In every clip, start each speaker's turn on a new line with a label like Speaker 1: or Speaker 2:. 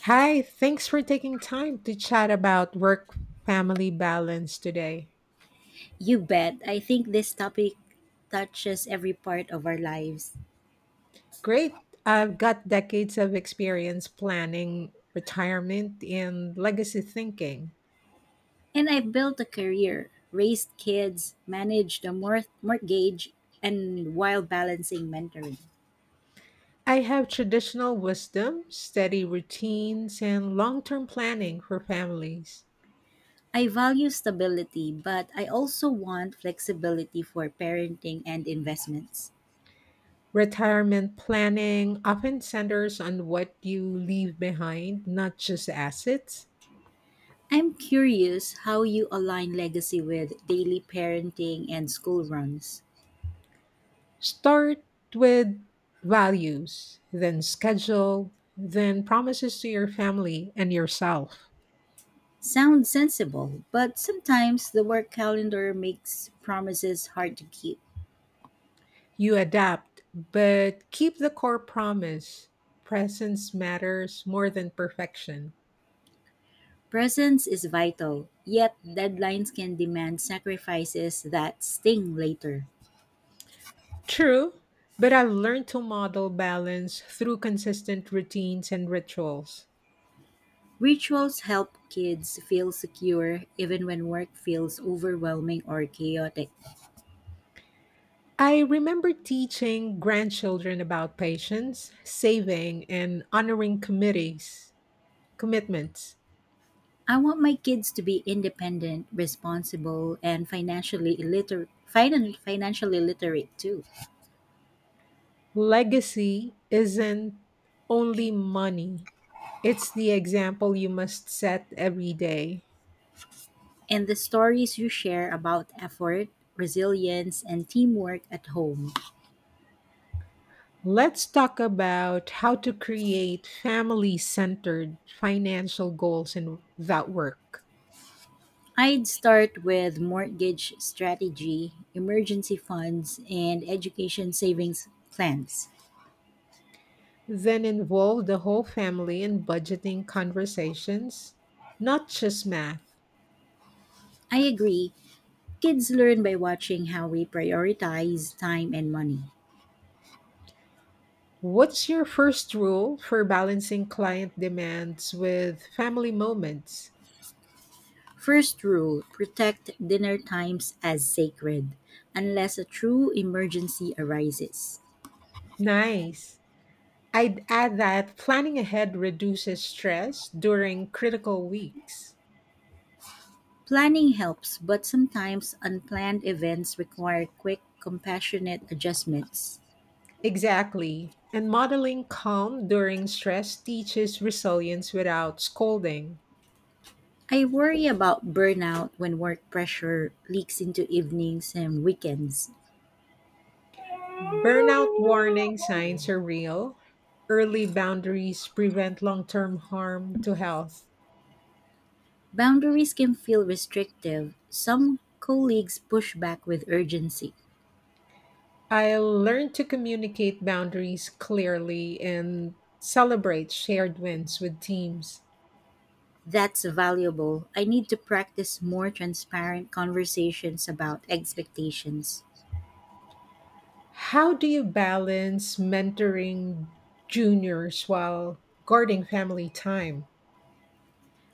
Speaker 1: Hi, thanks for taking time to chat about work family balance today.
Speaker 2: You bet. I think this topic touches every part of our lives.
Speaker 1: Great. I've got decades of experience planning retirement and legacy thinking.
Speaker 2: And I've built a career, raised kids, managed a mortgage, and while balancing mentoring.
Speaker 1: I have traditional wisdom, steady routines, and long term planning for families.
Speaker 2: I value stability, but I also want flexibility for parenting and investments.
Speaker 1: Retirement planning often centers on what you leave behind, not just assets.
Speaker 2: I'm curious how you align legacy with daily parenting and school runs.
Speaker 1: Start with values, then schedule, then promises to your family and yourself.
Speaker 2: Sounds sensible, but sometimes the work calendar makes promises hard to keep.
Speaker 1: You adapt, but keep the core promise. Presence matters more than perfection.
Speaker 2: Presence is vital, yet deadlines can demand sacrifices that sting later.
Speaker 1: True, but I've learned to model balance through consistent routines and rituals.
Speaker 2: Rituals help kids feel secure even when work feels overwhelming or chaotic.
Speaker 1: I remember teaching grandchildren about patience, saving, and honoring commitments.
Speaker 2: I want my kids to be independent, responsible, and financially illiterate. Financially literate too.
Speaker 1: Legacy isn't only money, it's the example you must set every day.
Speaker 2: And the stories you share about effort, resilience, and teamwork at home.
Speaker 1: Let's talk about how to create family centered financial goals that work.
Speaker 2: I'd start with mortgage strategy, emergency funds, and education savings plans.
Speaker 1: Then involve the whole family in budgeting conversations, not just math.
Speaker 2: I agree, kids learn by watching how we prioritize time and money.
Speaker 1: What's your first rule for balancing client demands with family moments?
Speaker 2: First rule, protect dinner times as sacred, unless a true emergency arises.
Speaker 1: Nice. I'd add that planning ahead reduces stress during critical weeks.
Speaker 2: Planning helps, but sometimes unplanned events require quick, compassionate adjustments.
Speaker 1: Exactly. And modeling calm during stress teaches resilience without scolding.
Speaker 2: I worry about burnout when work pressure leaks into evenings and weekends.
Speaker 1: Burnout warning signs are real. Early boundaries prevent long term harm to health.
Speaker 2: Boundaries can feel restrictive. Some colleagues push back with urgency.
Speaker 1: I learned to communicate boundaries clearly and celebrate shared wins with teams.
Speaker 2: That's valuable. I need to practice more transparent conversations about expectations.
Speaker 1: How do you balance mentoring juniors while guarding family time?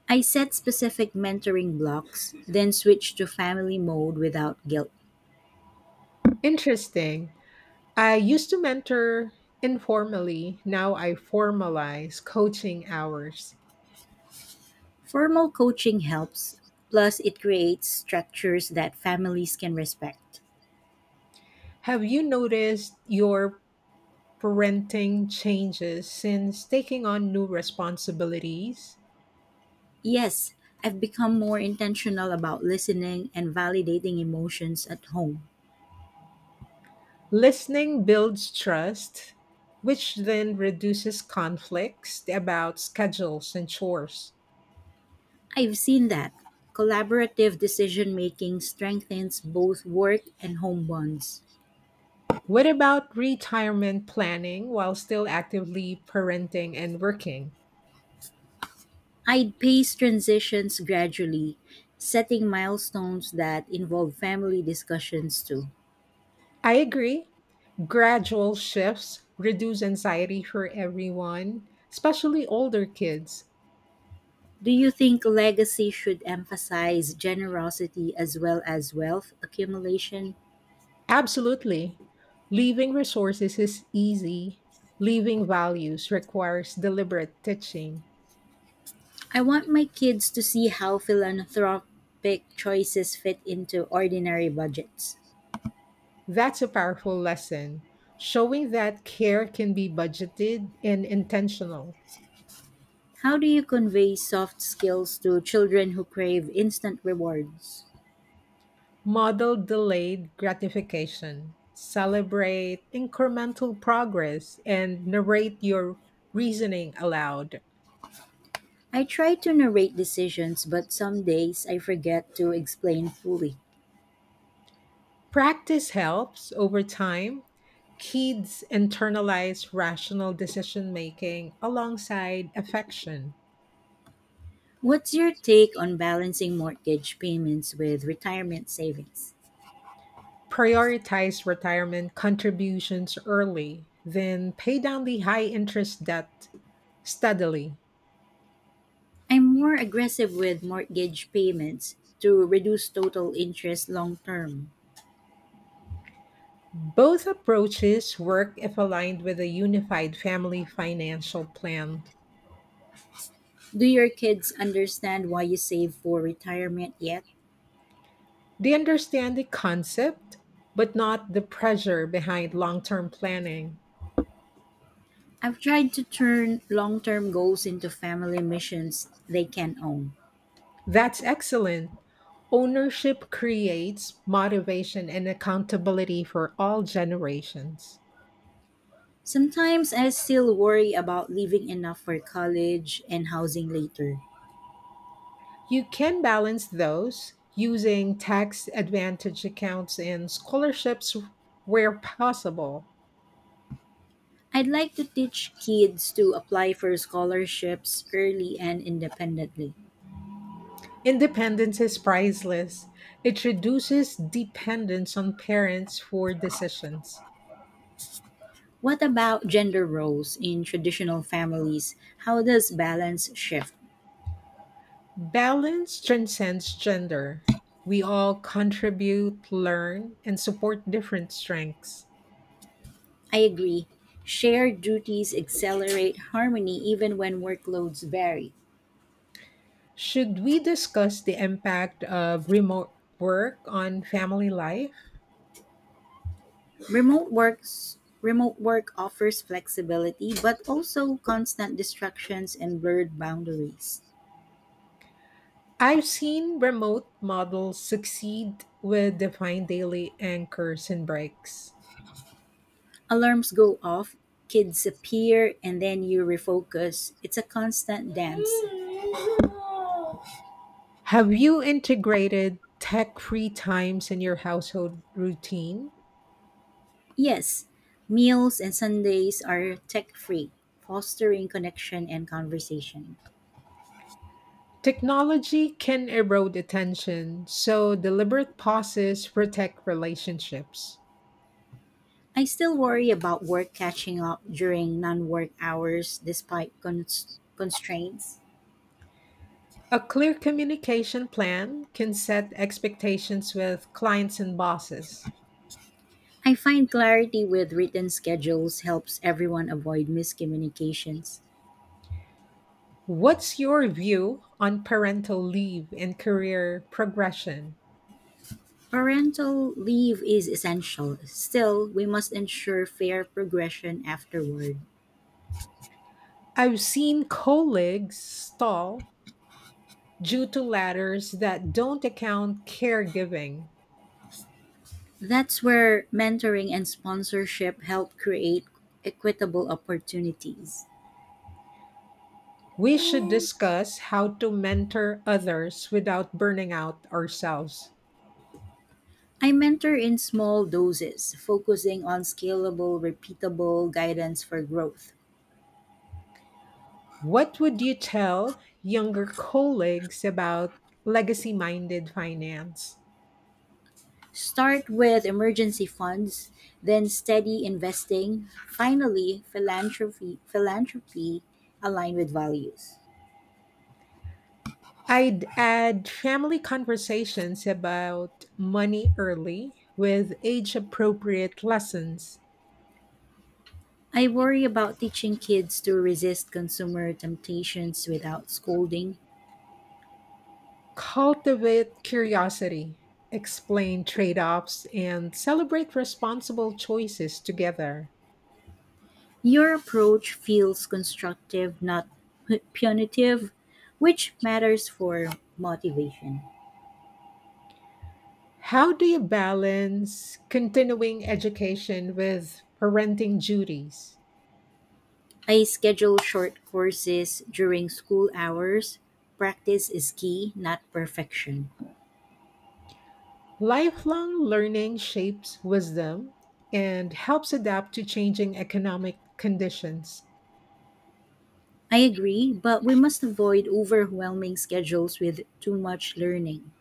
Speaker 2: I set specific mentoring blocks, then switch to family mode without guilt.
Speaker 1: Interesting. I used to mentor informally, now I formalize coaching hours.
Speaker 2: Formal coaching helps, plus, it creates structures that families can respect.
Speaker 1: Have you noticed your parenting changes since taking on new responsibilities?
Speaker 2: Yes, I've become more intentional about listening and validating emotions at home.
Speaker 1: Listening builds trust, which then reduces conflicts about schedules and chores.
Speaker 2: I've seen that. Collaborative decision making strengthens both work and home bonds.
Speaker 1: What about retirement planning while still actively parenting and working?
Speaker 2: I'd pace transitions gradually, setting milestones that involve family discussions too.
Speaker 1: I agree. Gradual shifts reduce anxiety for everyone, especially older kids.
Speaker 2: Do you think legacy should emphasize generosity as well as wealth accumulation?
Speaker 1: Absolutely. Leaving resources is easy, leaving values requires deliberate teaching.
Speaker 2: I want my kids to see how philanthropic choices fit into ordinary budgets.
Speaker 1: That's a powerful lesson, showing that care can be budgeted and intentional.
Speaker 2: How do you convey soft skills to children who crave instant rewards?
Speaker 1: Model delayed gratification, celebrate incremental progress, and narrate your reasoning aloud.
Speaker 2: I try to narrate decisions, but some days I forget to explain fully.
Speaker 1: Practice helps over time. Kids internalize rational decision making alongside affection.
Speaker 2: What's your take on balancing mortgage payments with retirement savings?
Speaker 1: Prioritize retirement contributions early, then pay down the high interest debt steadily.
Speaker 2: I'm more aggressive with mortgage payments to reduce total interest long term.
Speaker 1: Both approaches work if aligned with a unified family financial plan.
Speaker 2: Do your kids understand why you save for retirement yet?
Speaker 1: They understand the concept, but not the pressure behind long term planning.
Speaker 2: I've tried to turn long term goals into family missions they can own.
Speaker 1: That's excellent. Ownership creates motivation and accountability for all generations.
Speaker 2: Sometimes I still worry about leaving enough for college and housing later.
Speaker 1: You can balance those using tax advantage accounts and scholarships where possible.
Speaker 2: I'd like to teach kids to apply for scholarships early and independently.
Speaker 1: Independence is priceless. It reduces dependence on parents for decisions.
Speaker 2: What about gender roles in traditional families? How does balance shift?
Speaker 1: Balance transcends gender. We all contribute, learn, and support different strengths.
Speaker 2: I agree. Shared duties accelerate harmony even when workloads vary.
Speaker 1: Should we discuss the impact of remote work on family life?
Speaker 2: Remote work offers flexibility but also constant distractions and blurred boundaries.
Speaker 1: I've seen remote models succeed with defined daily anchors and breaks.
Speaker 2: Alarms go off, kids appear and then you refocus. It's a constant dance.
Speaker 1: Have you integrated tech free times in your household routine?
Speaker 2: Yes, meals and Sundays are tech-free, fostering connection and conversation.
Speaker 1: Technology can erode attention, so deliberate pauses protect relationships.
Speaker 2: I still worry about work catching up during non work hours despite constraints.
Speaker 1: A clear communication plan can set expectations with clients and bosses.
Speaker 2: I find clarity with written schedules helps everyone avoid miscommunications.
Speaker 1: What's your view on parental leave and career progression?
Speaker 2: Parental leave is essential. Still, we must ensure fair progression afterward.
Speaker 1: I've seen colleagues stall due to ladders that don't account caregiving.
Speaker 2: That's where mentoring and sponsorship help create equitable opportunities.
Speaker 1: We should discuss how to mentor others without burning out ourselves.
Speaker 2: I mentor in small doses, focusing on scalable, repeatable guidance for growth.
Speaker 1: What would you tell younger colleagues about legacy minded finance?
Speaker 2: Start with emergency funds, then steady investing, finally philanthropy aligned with values.
Speaker 1: I'd add family conversations about money early with age appropriate lessons.
Speaker 2: I worry about teaching kids to resist consumer temptations without scolding.
Speaker 1: Cultivate curiosity, explain trade offs, and celebrate responsible choices together.
Speaker 2: Your approach feels constructive, not punitive, which matters for motivation.
Speaker 1: How do you balance continuing education with parenting duties?
Speaker 2: I schedule short courses during school hours. Practice is key, not perfection.
Speaker 1: Lifelong learning shapes wisdom and helps adapt to changing economic conditions.
Speaker 2: I agree, but we must avoid overwhelming schedules with too much learning.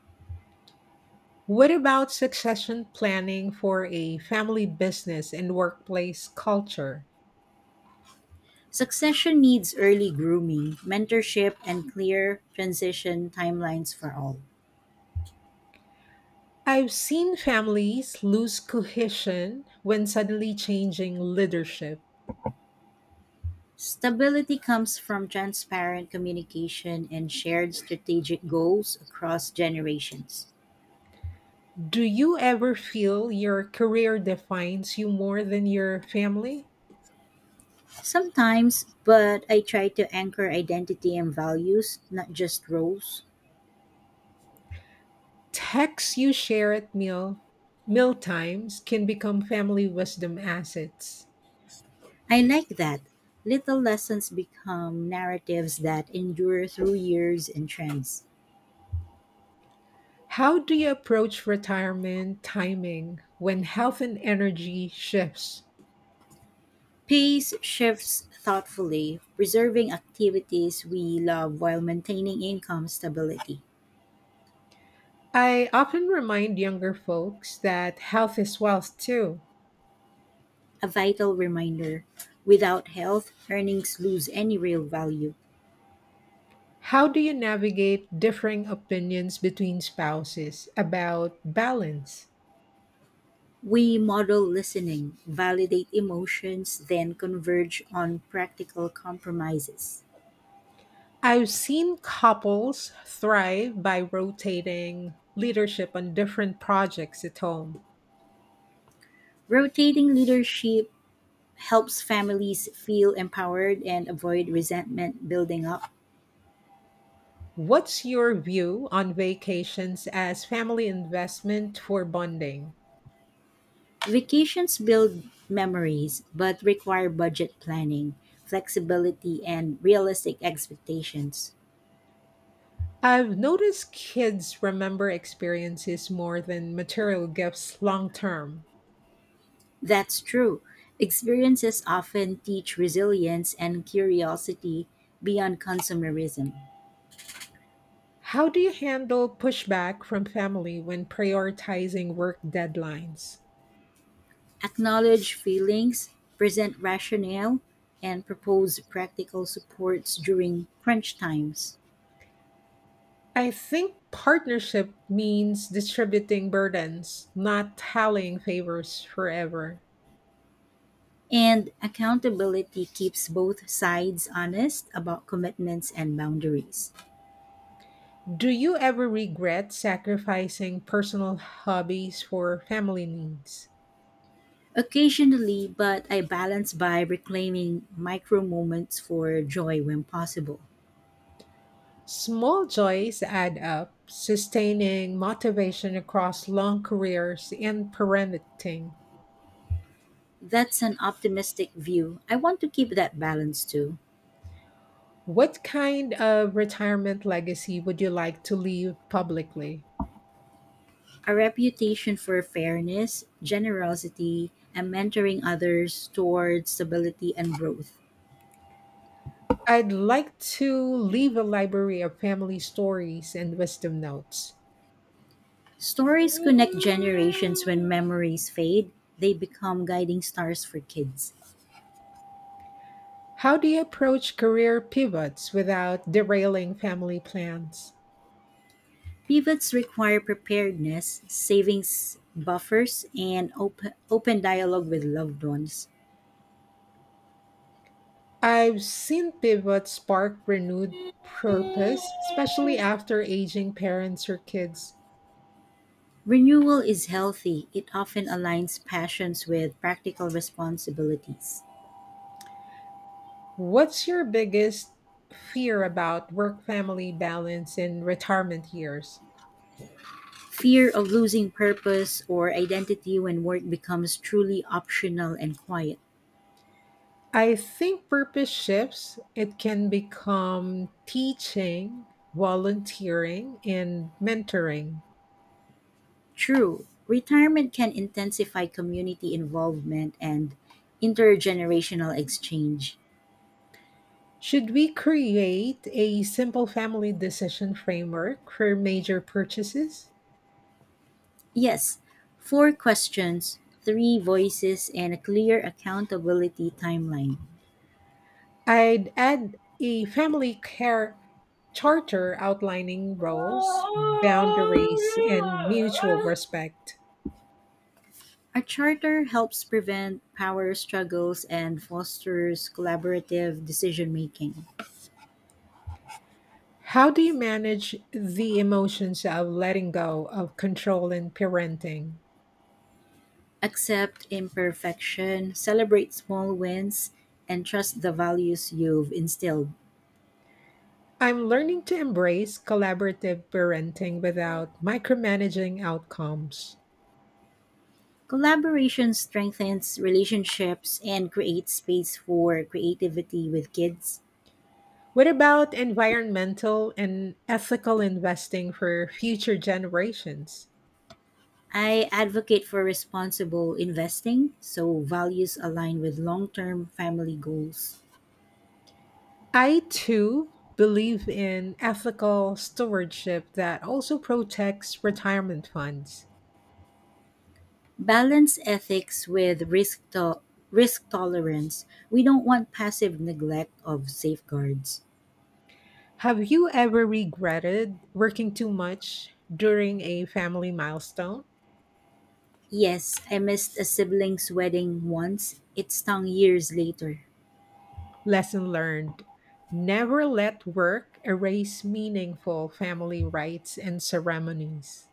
Speaker 1: What about succession planning for a family business and workplace culture?
Speaker 2: Succession needs early grooming, mentorship, and clear transition timelines for all.
Speaker 1: I've seen families lose cohesion when suddenly changing leadership.
Speaker 2: Stability comes from transparent communication and shared strategic goals across generations.
Speaker 1: Do you ever feel your career defines you more than your family?
Speaker 2: Sometimes, but I try to anchor identity and values, not just roles.
Speaker 1: Texts you share at meal times can become family wisdom assets.
Speaker 2: I like that. Little lessons become narratives that endure through years and trends.
Speaker 1: How do you approach retirement timing when health and energy shifts?
Speaker 2: Pace shifts thoughtfully, preserving activities we love while maintaining income stability.
Speaker 1: I often remind younger folks that health is wealth too.
Speaker 2: A vital reminder, without health, earnings lose any real value.
Speaker 1: How do you navigate differing opinions between spouses about balance?
Speaker 2: We model listening, validate emotions, then converge on practical compromises.
Speaker 1: I've seen couples thrive by rotating leadership on different projects at home.
Speaker 2: Rotating leadership helps families feel empowered and avoid resentment building up.
Speaker 1: What's your view on vacations as family investment for bonding?
Speaker 2: Vacations build memories, but require budget planning, flexibility, and realistic expectations.
Speaker 1: I've noticed kids remember experiences more than material gifts long term.
Speaker 2: That's true. Experiences often teach resilience and curiosity beyond consumerism.
Speaker 1: How do you handle pushback from family when prioritizing work deadlines?
Speaker 2: Acknowledge feelings, present rationale, and propose practical supports during crunch times.
Speaker 1: I think partnership means distributing burdens, not tallying favors forever.
Speaker 2: And accountability keeps both sides honest about commitments and boundaries.
Speaker 1: Do you ever regret sacrificing personal hobbies for family needs?
Speaker 2: Occasionally, but I balance by reclaiming micro moments for joy when possible.
Speaker 1: Small joys add up, sustaining motivation across long careers and parenting.
Speaker 2: That's an optimistic view. I want to keep that balance too.
Speaker 1: What kind of retirement legacy would you like to leave publicly?
Speaker 2: A reputation for fairness, generosity, and mentoring others toward stability and growth.
Speaker 1: I'd like to leave a library of family stories and wisdom notes.
Speaker 2: Stories connect generations when memories fade, they become guiding stars for kids.
Speaker 1: How do you approach career pivots without derailing family plans?
Speaker 2: Pivots require preparedness, savings buffers, and open dialogue with loved ones.
Speaker 1: I've seen pivots spark renewed purpose, especially after aging parents or kids.
Speaker 2: Renewal is healthy; it often aligns passions with practical responsibilities.
Speaker 1: What's your biggest fear about work family balance in retirement years?
Speaker 2: Fear of losing purpose or identity when work becomes truly optional and quiet.
Speaker 1: I think purpose shifts. It can become teaching, volunteering, and mentoring.
Speaker 2: True, retirement can intensify community involvement and intergenerational exchange.
Speaker 1: Should we create a simple family decision framework for major purchases?
Speaker 2: Yes, four questions, three voices, and a clear accountability timeline.
Speaker 1: I'd add a family care charter outlining roles, boundaries, and mutual respect.
Speaker 2: A charter helps prevent power struggles and fosters collaborative decision-making.
Speaker 1: How do you manage the emotions of letting go of control in parenting?
Speaker 2: Accept imperfection, celebrate small wins, and trust the values you've instilled.
Speaker 1: I'm learning to embrace collaborative parenting without micromanaging outcomes.
Speaker 2: Collaboration strengthens relationships and creates space for creativity with kids.
Speaker 1: What about environmental and ethical investing for future generations?
Speaker 2: I advocate for responsible investing so values align with long term family goals.
Speaker 1: I too believe in ethical stewardship that also protects retirement funds.
Speaker 2: Balance ethics with risk tolerance. We don't want passive neglect of safeguards.
Speaker 1: Have you ever regretted working too much during a family milestone?
Speaker 2: Yes, I missed a sibling's wedding once. It stung years later.
Speaker 1: Lesson learned never let work erase meaningful family rites and ceremonies.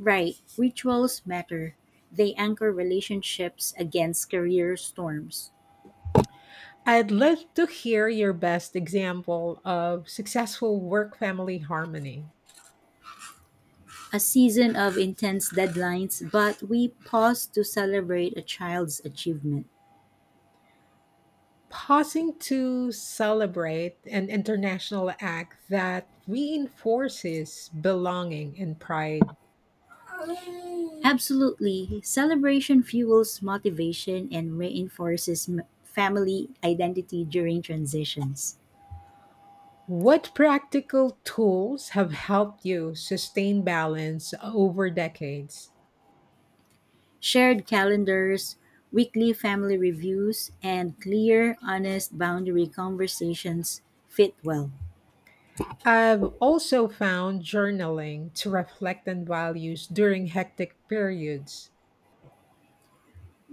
Speaker 2: Right, rituals matter. They anchor relationships against career storms.
Speaker 1: I'd love to hear your best example of successful work family harmony.
Speaker 2: A season of intense deadlines, but we pause to celebrate a child's achievement.
Speaker 1: Pausing to celebrate an international act that reinforces belonging and pride.
Speaker 2: Absolutely. Celebration fuels motivation and reinforces family identity during transitions.
Speaker 1: What practical tools have helped you sustain balance over decades?
Speaker 2: Shared calendars, weekly family reviews, and clear, honest boundary conversations fit well.
Speaker 1: I've also found journaling to reflect on values during hectic periods.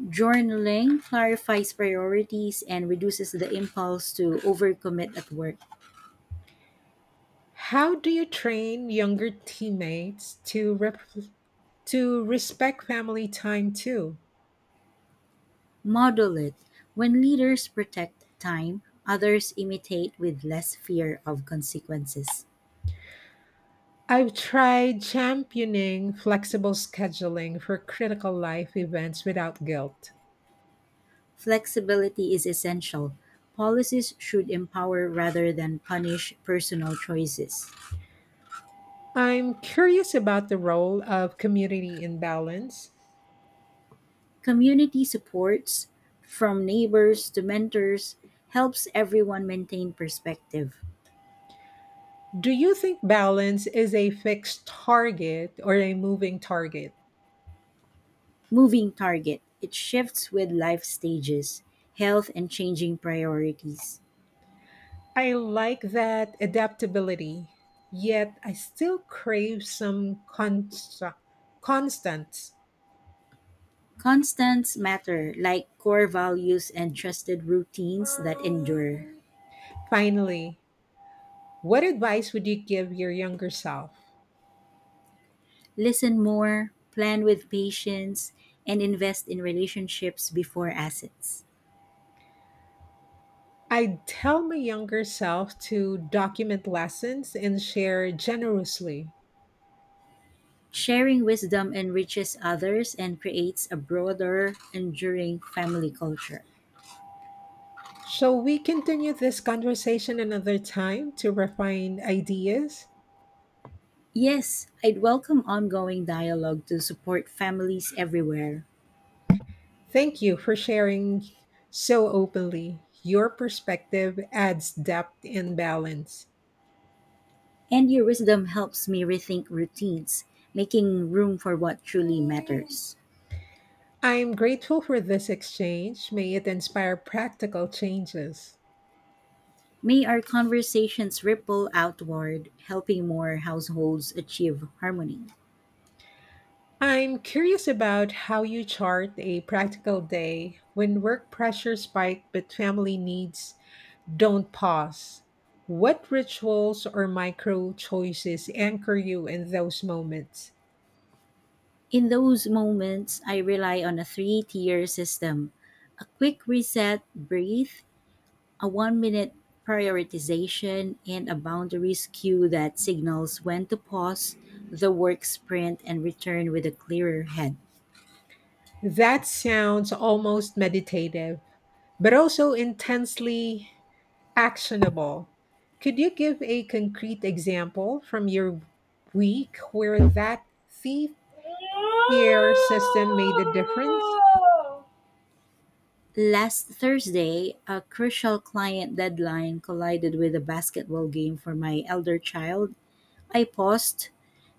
Speaker 2: Journaling clarifies priorities and reduces the impulse to overcommit at work.
Speaker 1: How do you train younger teammates to to respect family time too?
Speaker 2: Model it. When leaders protect time, others imitate with less fear of consequences.
Speaker 1: I've tried championing flexible scheduling for critical life events without guilt.
Speaker 2: Flexibility is essential. Policies should empower rather than punish personal choices.
Speaker 1: I'm curious about the role of community in balance.
Speaker 2: Community supports, from neighbors to mentors, helps everyone maintain perspective.
Speaker 1: Do you think balance is a fixed target or a moving target?
Speaker 2: Moving target, it shifts with life stages, health, and changing priorities.
Speaker 1: I like that adaptability, yet I still crave some constants.
Speaker 2: Constants matter, like core values and trusted routines that endure.
Speaker 1: Finally, what advice would you give your younger self?
Speaker 2: Listen more, plan with patience, and invest in relationships before assets.
Speaker 1: I'd tell my younger self to document lessons and share generously.
Speaker 2: Sharing wisdom enriches others and creates a broader, enduring family culture.
Speaker 1: Shall we continue this conversation another time to refine ideas?
Speaker 2: Yes, I'd welcome ongoing dialogue to support families everywhere.
Speaker 1: Thank you for sharing so openly. Your perspective adds depth and balance.
Speaker 2: And your wisdom helps me rethink routines, making room for what truly matters.
Speaker 1: I'm grateful for this exchange. May it inspire practical changes.
Speaker 2: May our conversations ripple outward, helping more households achieve harmony.
Speaker 1: I'm curious about how you chart a practical day when work pressure spike but family needs don't pause. What rituals or micro choices anchor you in those moments?
Speaker 2: In those moments, I rely on a three tier system, a quick reset, breathe, a 1 minute prioritization, and a boundaries cue that signals when to pause the work sprint and return with a clearer head.
Speaker 1: That sounds almost meditative, but also intensely actionable. Could you give a concrete example from your week where that thief tier system made a difference?
Speaker 2: Last Thursday, a crucial client deadline collided with a basketball game for my elder child. I paused,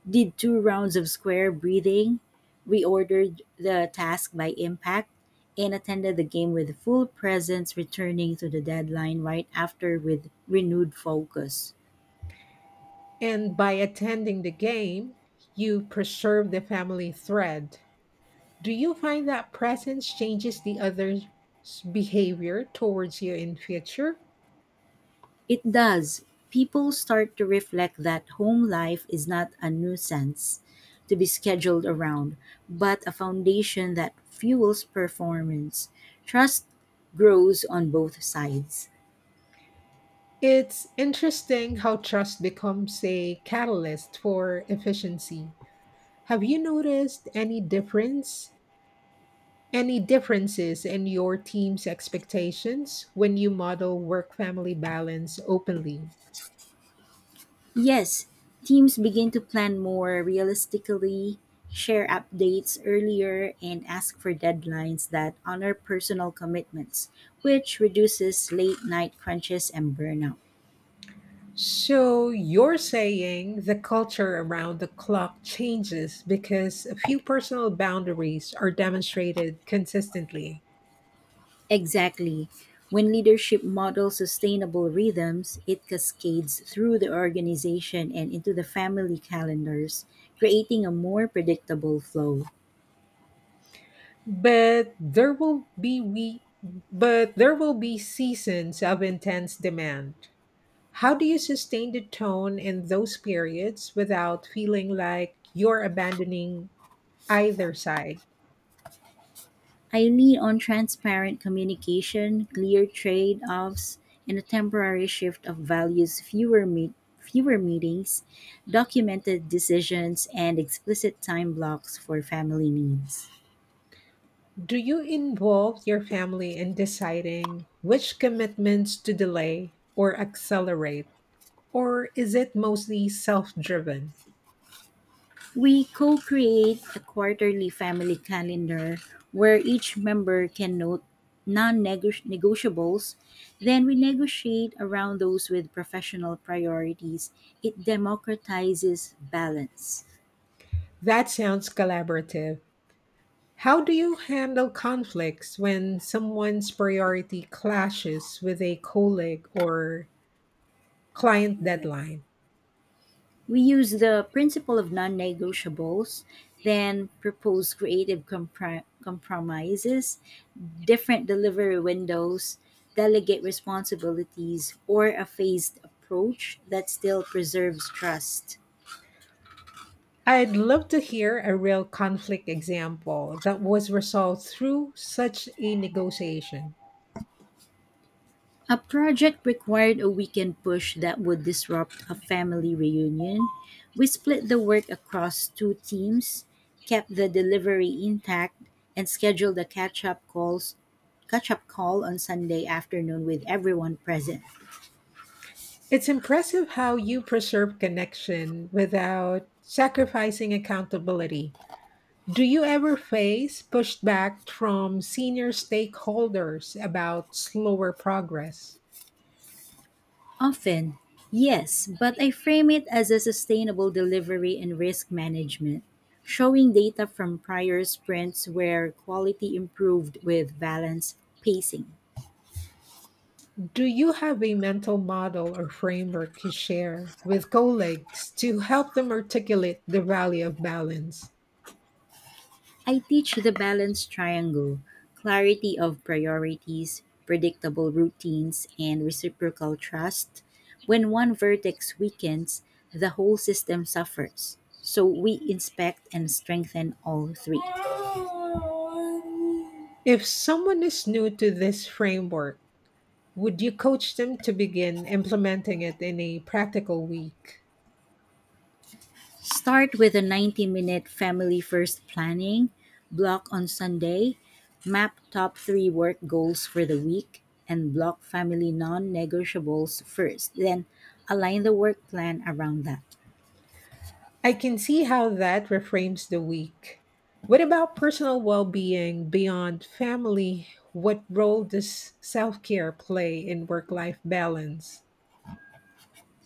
Speaker 2: did two rounds of square breathing, reordered the task by impact, and attended the game with full presence, returning to the deadline right after with renewed focus.
Speaker 1: And by attending the game, you preserve the family thread. Do you find that presence changes the other's behavior towards you in future?
Speaker 2: It does. People start to reflect that home life is not a nuisance to be scheduled around, but a foundation that fuels performance. Trust grows on both sides.
Speaker 1: It's interesting how trust becomes a catalyst for efficiency. Have you noticed any differences in your team's expectations when you model work family balance openly?
Speaker 2: Yes, teams begin to plan more realistically, share updates earlier, and ask for deadlines that honor personal commitments, which reduces late night crunches and burnout.
Speaker 1: So, you're saying the culture around the clock changes because a few personal boundaries are demonstrated consistently.
Speaker 2: Exactly. When leadership models sustainable rhythms, it cascades through the organization and into the family calendars, creating a more predictable flow.
Speaker 1: But there will be we but there will be seasons of intense demand. How do you sustain the tone in those periods without feeling like you're abandoning either side?
Speaker 2: I lean on transparent communication, clear trade-offs, and a temporary shift of values, fewer meetings, documented decisions, and explicit time blocks for family needs.
Speaker 1: Do you involve your family in deciding which commitments to delay or accelerate, or is it mostly self driven?
Speaker 2: We co-create a quarterly family calendar where each member can note non-negotiables, then we negotiate around those with professional priorities. It democratizes balance.
Speaker 1: That sounds collaborative. How do you handle conflicts when someone's priority clashes with a colleague or client deadline?
Speaker 2: We use the principle of non negotiables, then propose creative compromises, different delivery windows, delegate responsibilities, or a phased approach that still preserves trust.
Speaker 1: I'd love to hear a real conflict example that was resolved through such a negotiation.
Speaker 2: A project required a weekend push that would disrupt a family reunion. We split the work across two teams, kept the delivery intact, and scheduled a catch-up call on Sunday afternoon with everyone present.
Speaker 1: It's impressive how you preserve connection without sacrificing accountability. Do you ever face pushback from senior stakeholders about slower progress?
Speaker 2: Often, yes, but I frame it as a sustainable delivery and risk management, showing data from prior sprints where quality improved with balanced pacing.
Speaker 1: Do you have a mental model or framework you share with colleagues to help them articulate the value of balance?
Speaker 2: I teach the balance triangle, clarity of priorities, predictable routines, and reciprocal trust. When one vertex weakens, the whole system suffers. So we inspect and strengthen all three.
Speaker 1: If someone is new to this framework, would you coach them to begin implementing it in a practical week?
Speaker 2: Start with a 90-minute family first planning block on Sunday, map top three work goals for the week, and block family non negotiables first. Then align the work plan around that.
Speaker 1: I can see how that reframes the week. What about personal well being beyond family? What role does self care play in work life balance?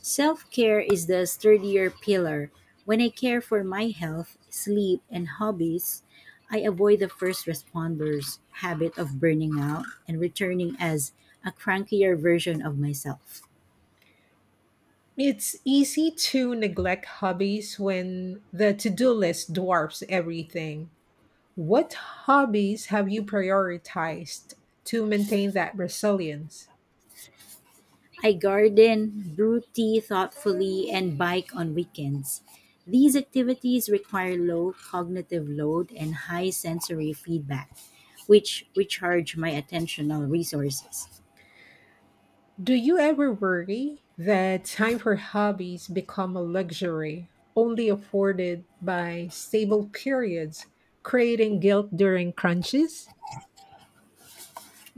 Speaker 2: Self care is the sturdier pillar. When I care for my health, sleep, and hobbies, I avoid the first responder's habit of burning out and returning as a crankier version of myself.
Speaker 1: It's easy to neglect hobbies when the to do list dwarfs everything. What hobbies have you prioritized to maintain that resilience?
Speaker 2: I garden, brew tea thoughtfully, and bike on weekends. These activities require low cognitive load and high sensory feedback, which recharge my attentional resources.
Speaker 1: Do you ever worry that time for hobbies become a luxury only afforded by stable periods, creating guilt during crunches?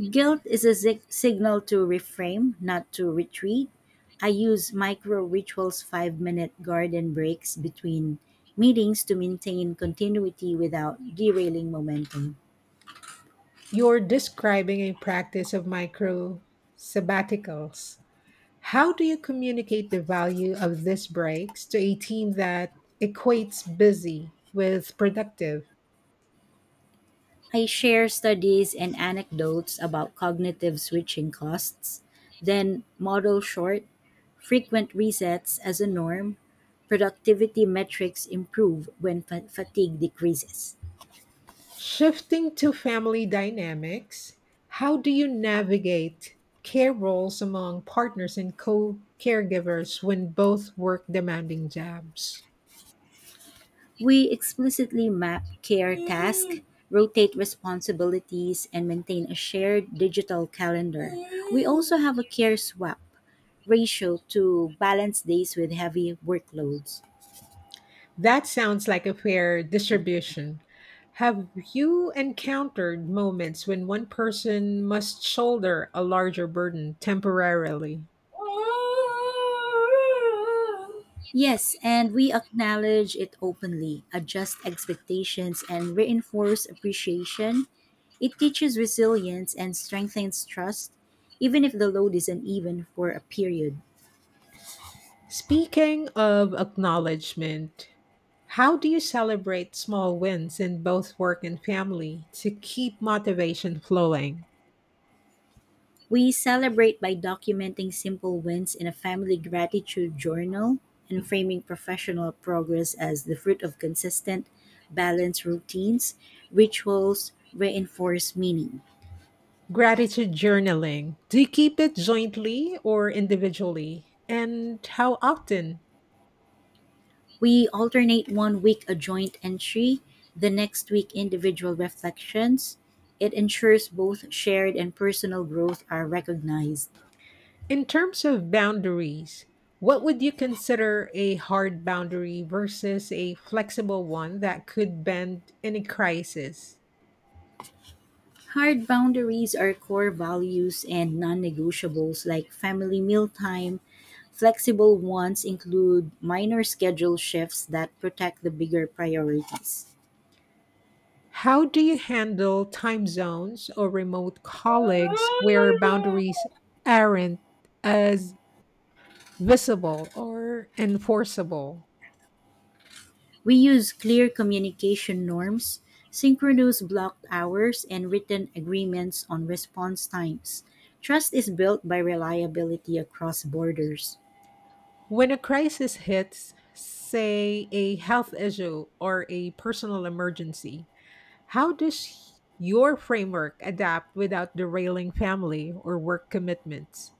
Speaker 2: Guilt is a signal to reframe, not to retreat. I use micro rituals, 5 minute garden breaks between meetings to maintain continuity without derailing momentum.
Speaker 1: You're describing a practice of micro sabbaticals. How do you communicate the value of these breaks to a team that equates busy with productive?
Speaker 2: I share studies and anecdotes about cognitive switching costs, then model short, frequent resets as a norm. Productivity metrics improve when fatigue decreases.
Speaker 1: Shifting to family dynamics, how do you navigate care roles among partners and co caregivers when both work demanding jobs?
Speaker 2: We explicitly map care tasks, rotate responsibilities, and maintain a shared digital calendar. We also have a care swap ratio to balance days with heavy workloads.
Speaker 1: That sounds like a fair distribution. Have you encountered moments when one person must shoulder a larger burden temporarily?
Speaker 2: Yes, and we acknowledge it openly, adjust expectations, and reinforce appreciation. It teaches resilience and strengthens trust, even if the load is uneven for a period.
Speaker 1: Speaking of acknowledgement, how do you celebrate small wins in both work and family to keep motivation flowing?
Speaker 2: We celebrate by documenting simple wins in a family gratitude journal and framing professional progress as the fruit of consistent, balanced routines, rituals, reinforce meaning.
Speaker 1: Gratitude journaling. Do you keep it jointly or individually? And how often?
Speaker 2: We alternate one week a joint entry, the next week individual reflections. It ensures both shared and personal growth are recognized.
Speaker 1: In terms of boundaries, what would you consider a hard boundary versus a flexible one that could bend in a crisis?
Speaker 2: Hard boundaries are core values and non negotiables like family mealtime. Flexible ones include minor schedule shifts that protect the bigger priorities.
Speaker 1: How do you handle time zones or remote colleagues where boundaries aren't as visible or enforceable?
Speaker 2: We use clear communication norms, synchronous blocked hours, and written agreements on response times. Trust is built by reliability across borders.
Speaker 1: When a crisis hits, say a health issue or a personal emergency, how does your framework adapt without derailing family or work commitments?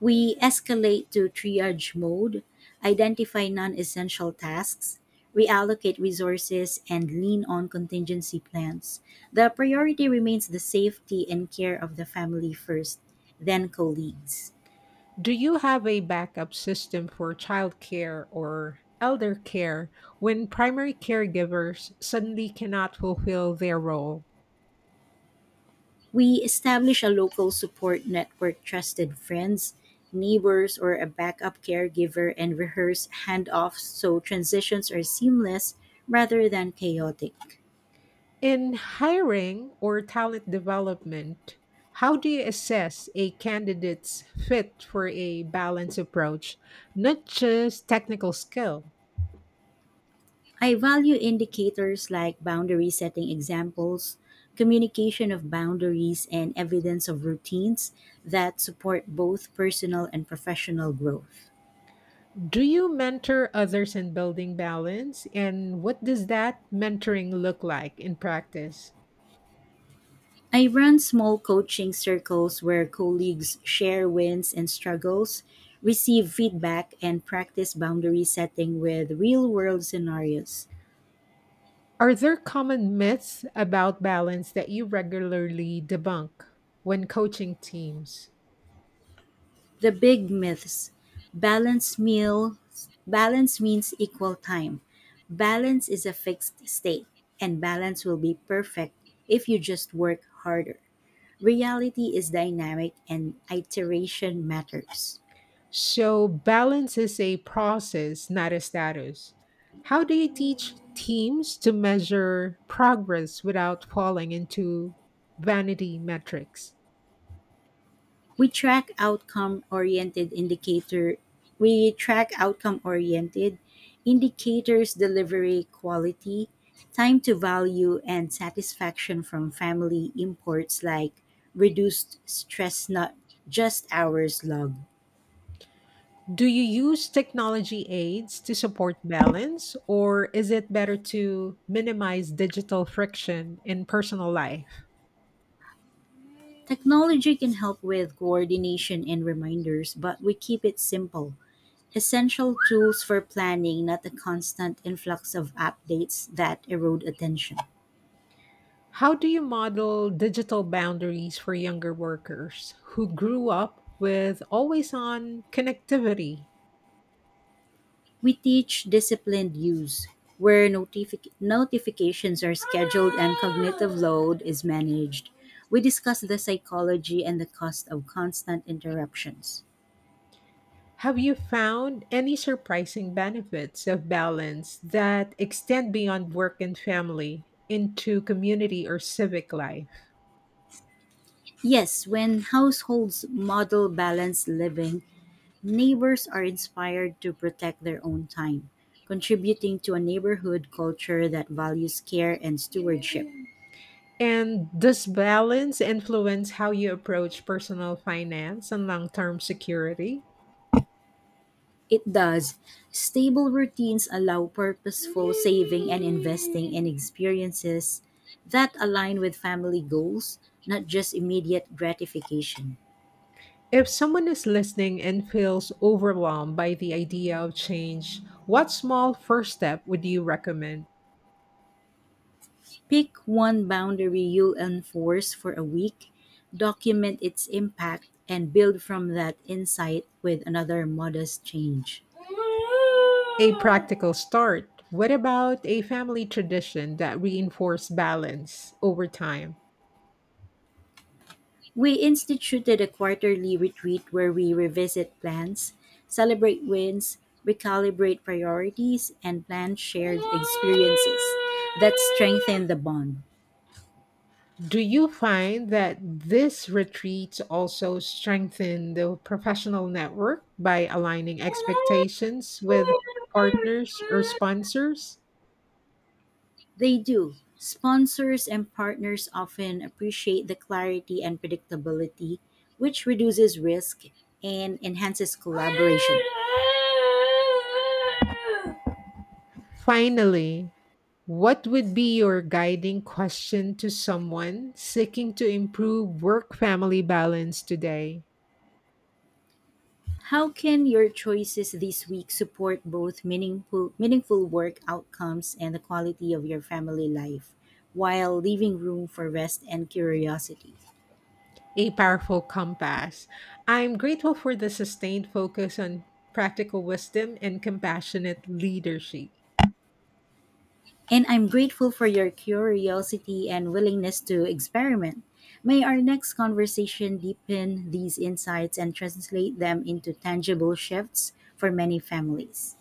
Speaker 2: We escalate to triage mode, identify non essential tasks, reallocate resources, and lean on contingency plans. The priority remains the safety and care of the family first, then colleagues.
Speaker 1: Do you have a backup system for childcare or elder care when primary caregivers suddenly cannot fulfill their role?
Speaker 2: We establish a local support network, trusted friends, neighbors, or a backup caregiver, and rehearse handoffs so transitions are seamless rather than chaotic.
Speaker 1: In hiring or talent development, how do you assess a candidate's fit for a balanced approach, not just technical skill?
Speaker 2: I value indicators like boundary setting examples, communication of boundaries, and evidence of routines that support both personal and professional growth.
Speaker 1: Do you mentor others in building balance? And what does that mentoring look like in practice?
Speaker 2: I run small coaching circles where colleagues share wins and struggles, receive feedback, and practice boundary setting with real world scenarios.
Speaker 1: Are there common myths about balance that you regularly debunk when coaching teams?
Speaker 2: The big myths, balance meals, balance means equal time. Balance is a fixed state, and balance will be perfect if you just work harder. Reality is dynamic, and iteration matters.
Speaker 1: So, balance is a process, not a status. How do you teach teams to measure progress without falling into vanity metrics?
Speaker 2: we track outcome oriented indicator we track outcome oriented indicators, delivery quality, time to value, and satisfaction from family imports like reduced stress, not just hours logged.
Speaker 1: Do you use technology aids to support balance, or is it better to minimize digital friction in personal life?
Speaker 2: Technology can help with coordination and reminders, but we keep it simple, essential tools for planning, not a constant influx of updates that erode attention.
Speaker 1: How do you model digital boundaries for younger workers who grew up with always on connectivity?
Speaker 2: We teach disciplined use, where notifications are scheduled and cognitive load is managed. We discuss the psychology and the cost of constant interruptions.
Speaker 1: Have you found any surprising benefits of balance that extend beyond work and family into community or civic life?
Speaker 2: Yes, when households model balanced living, neighbors are inspired to protect their own time, contributing to a neighborhood culture that values care and stewardship.
Speaker 1: And does balance influence how you approach personal finance and long term security?
Speaker 2: It does. Stable routines allow purposeful saving and investing in experiences that align with family goals, not just immediate gratification.
Speaker 1: If someone is listening and feels overwhelmed by the idea of change, what small first step would you recommend?
Speaker 2: Pick one boundary you'll enforce for a week, document its impact, and build from that insight with another modest change.
Speaker 1: A practical start. What about a family tradition that reinforces balance over time?
Speaker 2: We instituted a quarterly retreat where we revisit plans, celebrate wins, recalibrate priorities, and plan shared experiences that strengthen the bond.
Speaker 1: Do you find that this retreats also strengthen the professional network by aligning expectations with partners or sponsors?
Speaker 2: They do. Sponsors and partners often appreciate the clarity and predictability, which reduces risk and enhances collaboration.
Speaker 1: Finally, what would be your guiding question to someone seeking to improve work family balance today?
Speaker 2: How can your choices this week support both meaningful work outcomes and the quality of your family life while leaving room for rest and curiosity?
Speaker 1: A powerful compass. I'm grateful for the sustained focus on practical wisdom and compassionate leadership.
Speaker 2: And I'm grateful for your curiosity and willingness to experiment. May our next conversation deepen these insights and translate them into tangible shifts for many families.